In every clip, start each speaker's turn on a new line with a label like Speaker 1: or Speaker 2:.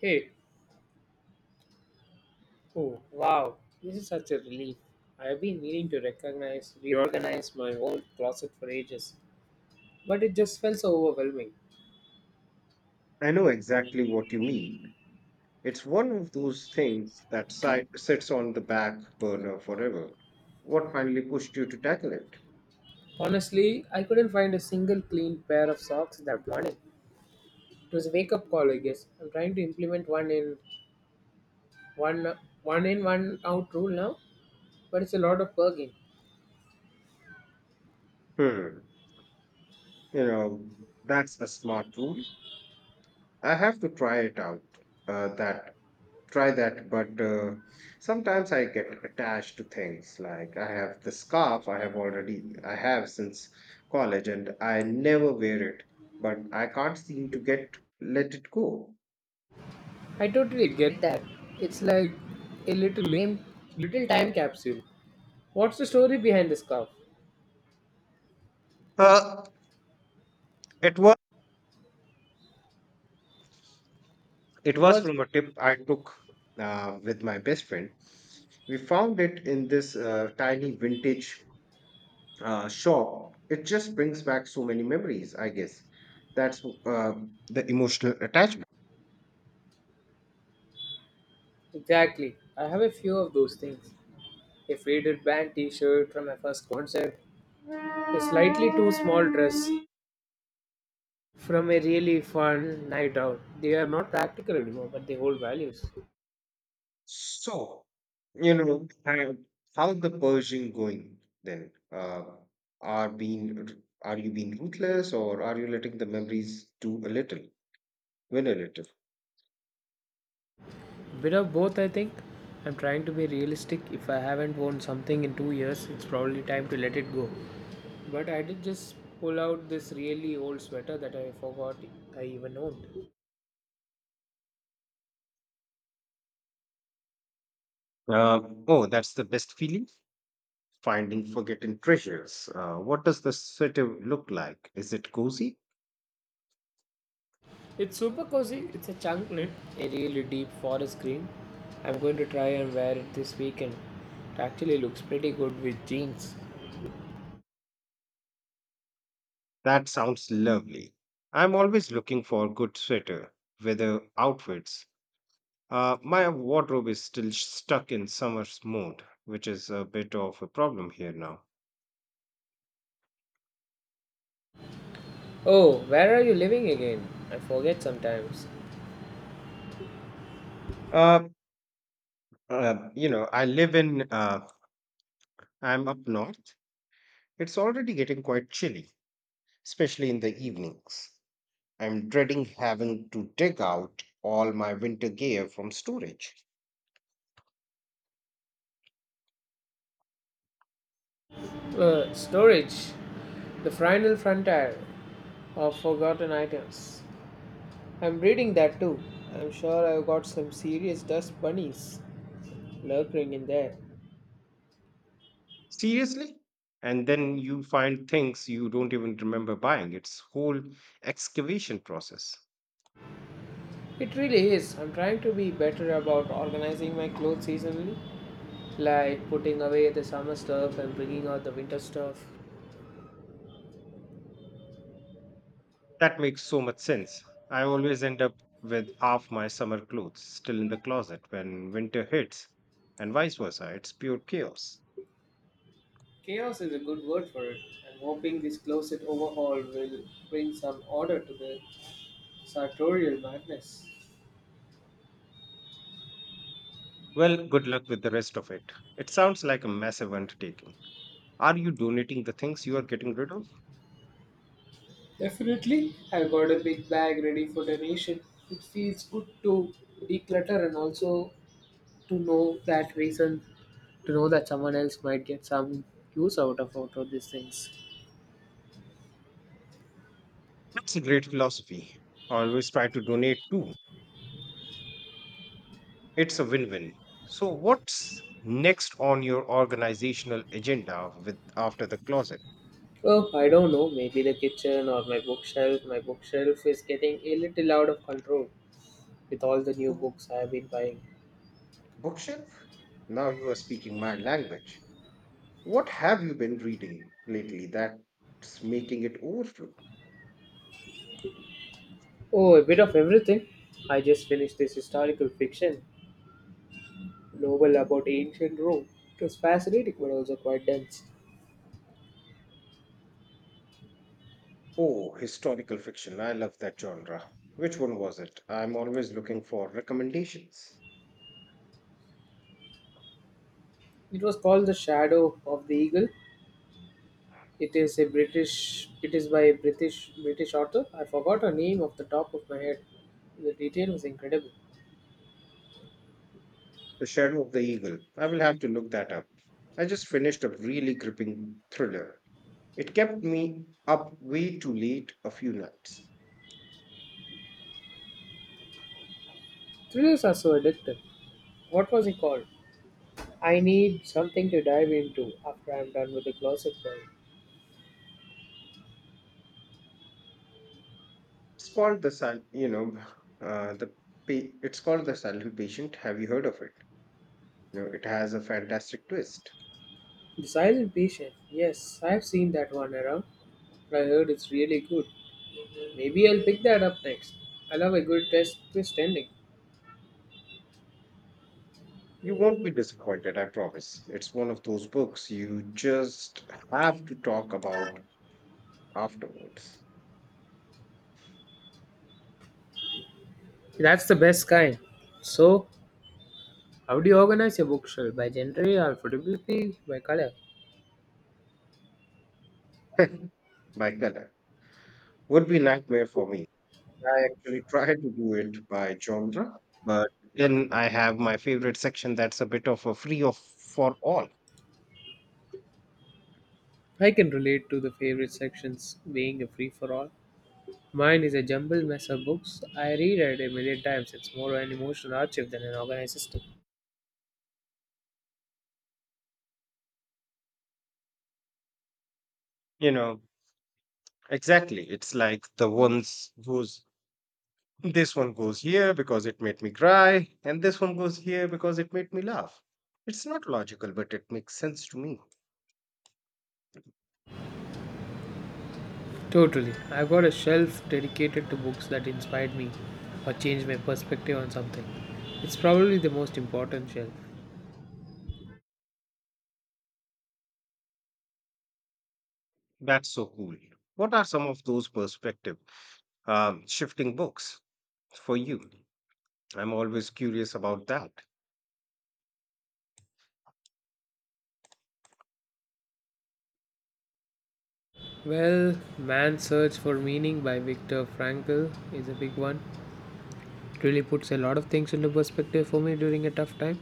Speaker 1: Hey, oh wow, this is such a relief. I have been meaning to reorganize my old closet for ages, but it just felt so overwhelming.
Speaker 2: I know exactly what you mean. It's one of those things that sits on the back burner forever. What finally pushed you to tackle it?
Speaker 1: Honestly, I couldn't find a single clean pair of socks that morning. It was a wake-up call, I guess. I'm trying to implement one out rule now, but it's a lot of bugging.
Speaker 2: Hmm. You know, that's a smart rule. I have to try it out. That Try that, but sometimes I get attached to things. Like I have the scarf I have already I have since college, and I never wear it, but I can't seem to get let it go.
Speaker 1: I totally get that. It's like a little name, little time capsule. What's the story behind the scarf?
Speaker 2: Uh, it was. It
Speaker 1: It
Speaker 2: was
Speaker 1: was.
Speaker 2: from a tip I took with my best friend. We found it in this tiny vintage shop. It just brings back so many memories, I guess. That's The emotional attachment.
Speaker 1: Exactly. I have a few of those things. A faded band t shirt from my first concert, a slightly too small dress from a really fun night out. They are not practical anymore, but they hold values.
Speaker 2: So, you know, how how's the purging going then? Uh, are you being ruthless, or are you letting the memories win a little?
Speaker 1: Bit of both, I think. I'm trying to be realistic. If I haven't worn something in 2 years, it's probably time to let it go. But I did just pull out this really old sweater that I forgot I even owned.
Speaker 2: Oh, that's the best feeling, finding forgotten treasures. What does the setup look like? Is it cozy?
Speaker 1: It's super cozy. It's a chunk knit, a really deep forest green. I'm going to try and wear it this weekend. It actually looks pretty good with jeans.
Speaker 2: That sounds lovely. I'm always looking for good weather outfits. My wardrobe is still stuck in summer's mode, which is a bit of a problem here now.
Speaker 1: Oh, where are you living again? I forget sometimes.
Speaker 2: Uh, uh, you know, I live in, uh, I'm up north. It's already getting quite chilly, especially in the evenings. I'm dreading having to dig out all my winter gear from storage.
Speaker 1: Storage. The final frontier of forgotten items. I'm reading that too. I'm sure I've got some serious dust bunnies lurking in there.
Speaker 2: Seriously? And then you find things you don't even remember buying. It's whole excavation process.
Speaker 1: It really is. I'm trying to be better about organizing my clothes seasonally, like putting away the summer stuff and bringing out the winter stuff.
Speaker 2: That makes so much sense. I always end up with half my summer clothes still in the closet when winter hits, and vice versa. It's pure chaos.
Speaker 1: Chaos is a good word for it. I'm hoping this closet overhaul will bring some order to the sartorial madness.
Speaker 2: Well, good luck with the rest of it. It sounds like a massive undertaking. Are you donating the things you are getting rid of?
Speaker 1: Definitely, I've got a big bag ready for donation. It feels good to declutter and also to know that reason, to know that someone else might get some use out of these things.
Speaker 2: That's a great philosophy. Always try to donate too. It's a win win. So, what's next on your organizational agenda with after the closet?
Speaker 1: Well, I don't know. Maybe the kitchen or my bookshelf. My bookshelf is getting a little out of control with all the new
Speaker 2: Book,
Speaker 1: books I have been buying.
Speaker 2: Bookshelf? Now you are speaking my language. What have you been reading lately that's making it overflow?
Speaker 1: Oh, a bit of everything. I just finished this historical fiction novel about ancient Rome. It was fascinating but also quite dense.
Speaker 2: Oh, historical fiction. I love that genre. Which one was it? I'm always looking for recommendations.
Speaker 1: It was called The Shadow of the Eagle. It is by a British author. I forgot her name off the top of my head. The detail was incredible.
Speaker 2: The Shadow of the Eagle. I will have to look that up. I just finished a really gripping thriller. It kept me up way too late a few nights.
Speaker 1: Thrillers are so addictive. What was it called? I need something to dive into after I'm done with the closet work.
Speaker 2: It's called the sil- you know the pa- It's called The Silent Patient. Have you heard of it? You know, it has a fantastic twist.
Speaker 1: Besides impatient, yes, I've seen that one around. I heard it's really good. Maybe I'll pick that up next. I love a good test twist ending.
Speaker 2: You won't be disappointed, I promise. It's one of those books you just have to talk about afterwards.
Speaker 1: That's the best kind. So, how do you organize your bookshelf? By gender or photography? By color?
Speaker 2: Like that would be nightmare for me. I actually try to do it by genre, but then I have my favorite section that's a bit of a free of for all.
Speaker 1: I can relate to the favorite sections being a free for all. Mine is a jumbled mess of books. I read it a million times. It's more an emotional archive than an organized system.
Speaker 2: You know, exactly. It's like the ones whose this one goes here because it made me cry, and this one goes here because it made me laugh. It's not logical, but it makes sense to me.
Speaker 1: Totally. I've got a shelf dedicated to books that inspired me or changed my perspective on something. It's probably the most important shelf.
Speaker 2: That's so cool. What are some of those perspective shifting books for you? I'm always curious about that.
Speaker 1: Well, Man's Search for Meaning by Viktor Frankl is a big one. It really puts a lot of things into perspective for me during a tough time.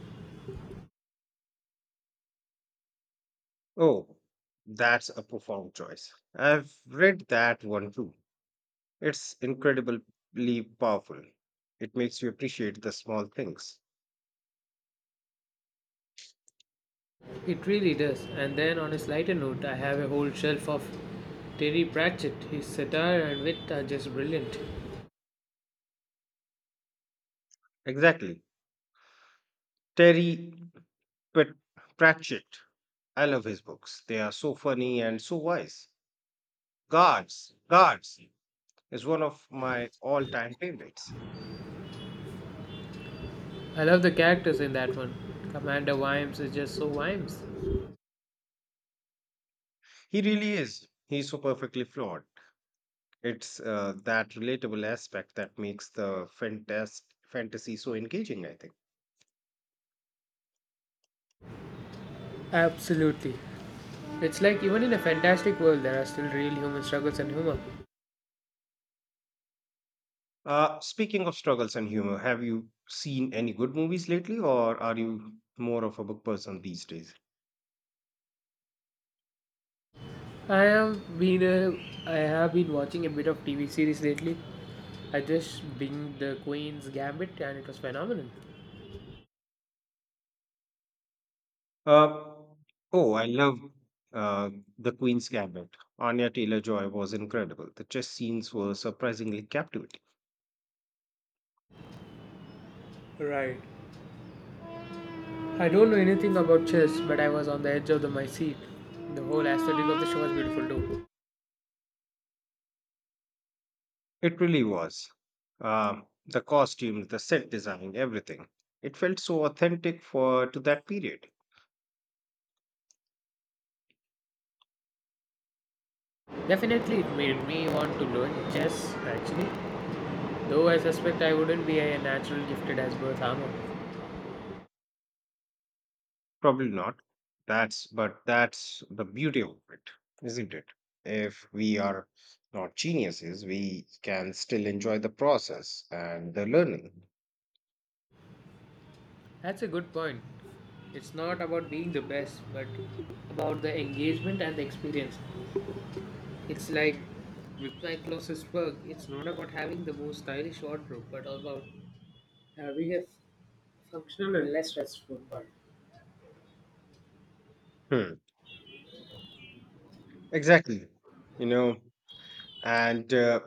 Speaker 2: Oh, that's a profound choice. I've read that one too. It's incredibly powerful. It makes you appreciate the small things.
Speaker 1: It really does. And then on a lighter note, I have a whole shelf of Terry Pratchett. His satire and wit are just brilliant.
Speaker 2: Exactly. Terry Prat- Pratchett. I love his books. They are so funny and so wise. Guards, Guards is one of my all-time favorites.
Speaker 1: I love the characters in that one. Commander Wimes is just so Wimes.
Speaker 2: He really is. He's so perfectly flawed. It's that relatable aspect that makes the fantasy so engaging, I think.
Speaker 1: Absolutely. It's like even in a fantastic world, there are still real human struggles and humor.
Speaker 2: Speaking of struggles and humor, have you seen any good movies lately, or are you more of a book person these days?
Speaker 1: I have been uh, I have been watching a bit of TV series lately. I just binged The Queen's Gambit and it was phenomenal.
Speaker 2: Uh, oh, I love uh, The Queen's Gambit. Anya Taylor-Joy was incredible. The chess scenes were surprisingly captivating.
Speaker 1: Right. I don't know anything about chess, but I was on the edge of my seat. The whole aesthetic of the show was beautiful too.
Speaker 2: It really was. The costumes, the set design, everything. It felt so authentic for to that period.
Speaker 1: Definitely, it made me want to learn chess actually. Though I suspect I wouldn't be a natural gifted as birth armor.
Speaker 2: Probably not. That's but that's the beauty of it, isn't it? If we are not geniuses, we can still enjoy the process and the learning.
Speaker 1: That's a good point. It's not about being the best, but about the engagement and the experience. It's like with my closest work, it's not about having the most stylish wardrobe, but about having a functional and less stressful one.
Speaker 2: Hmm. Exactly. You know, and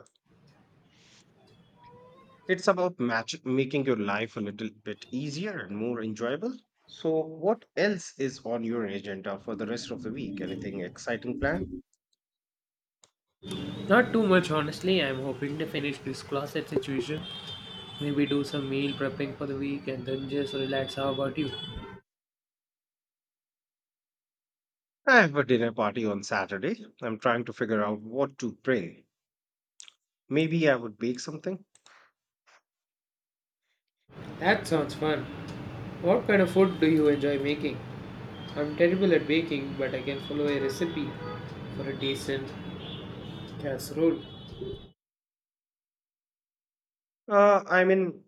Speaker 2: It's about match making your life a little bit easier and more enjoyable. So, what else is on your agenda for the rest of the week? Anything exciting planned?
Speaker 1: Not too much, honestly. I'm hoping to finish this closet situation. Maybe do some meal prepping for the week and then just relax. How about you?
Speaker 2: I have a dinner party on Saturday. I'm trying to figure out what to bring. Maybe I would bake something.
Speaker 1: That sounds fun. What kind of food do you enjoy making? I'm terrible at baking, but I can follow a recipe for a decent casserole.
Speaker 2: I mean,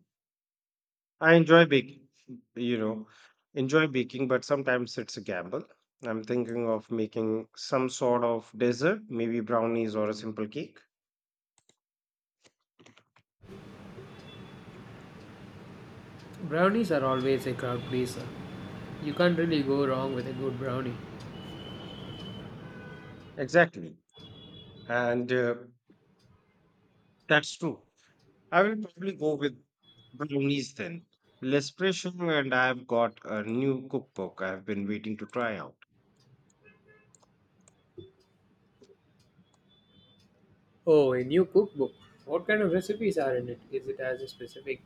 Speaker 2: I enjoy baking, you know, enjoy baking, but sometimes it's a gamble. I'm thinking of making some sort of dessert, maybe brownies or a simple cake.
Speaker 1: Brownies are always a crowd pleaser. You can't really go wrong with a good brownie.
Speaker 2: Exactly. And That's true. I will probably go with brownies then. Less pressure, and I've got a new cookbook I've been waiting to try out.
Speaker 1: Oh, a new cookbook. What kind of recipes are in it? Is it as a specific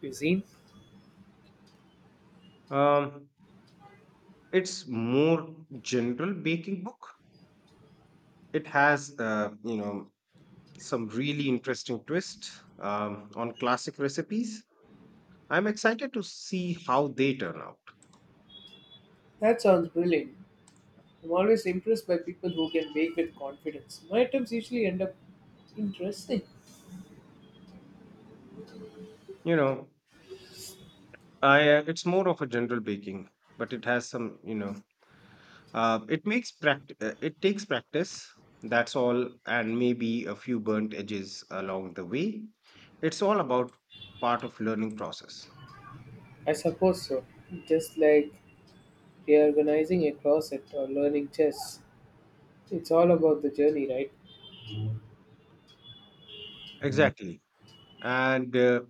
Speaker 1: cuisine?
Speaker 2: Um, it's more general baking book. It has, some really interesting twists on classic recipes. I'm excited to see how they turn out.
Speaker 1: That sounds brilliant. I'm always impressed by people who can bake with confidence. My attempts usually end up interesting.
Speaker 2: You know, I it's more of a general baking, but it has some, you know, it makes practice. It takes practice. That's all, and maybe a few burnt edges along the way. It's all about part of learning process.
Speaker 1: I suppose so. Just like reorganizing a closet or learning chess. It's all about the journey, right?
Speaker 2: Exactly, and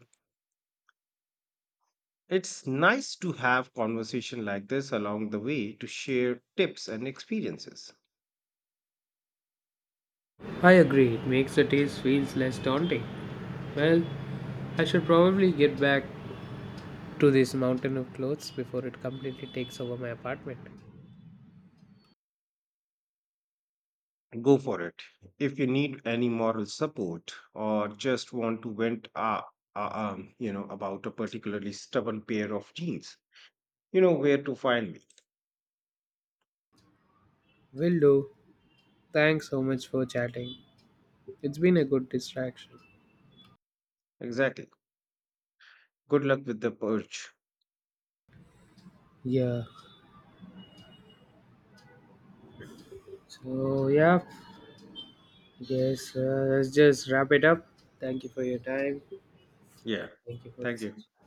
Speaker 2: it's nice to have conversation like this along the way to share tips and experiences.
Speaker 1: I agree. It makes the taste feels less daunting. Well, I should probably get back to this mountain of clothes before it completely takes over my apartment.
Speaker 2: Go for it. If you need any moral support or just want to vent, about a particularly stubborn pair of jeans, you know where to find me.
Speaker 1: Will do. Thanks so much for chatting. It's been a good distraction.
Speaker 2: Exactly. Good luck with the purge.
Speaker 1: Yeah. So yeah, yes, let's just wrap it up. Thank you for your time.
Speaker 2: Yeah.
Speaker 1: Thank you for the
Speaker 2: Thank you.
Speaker 1: session.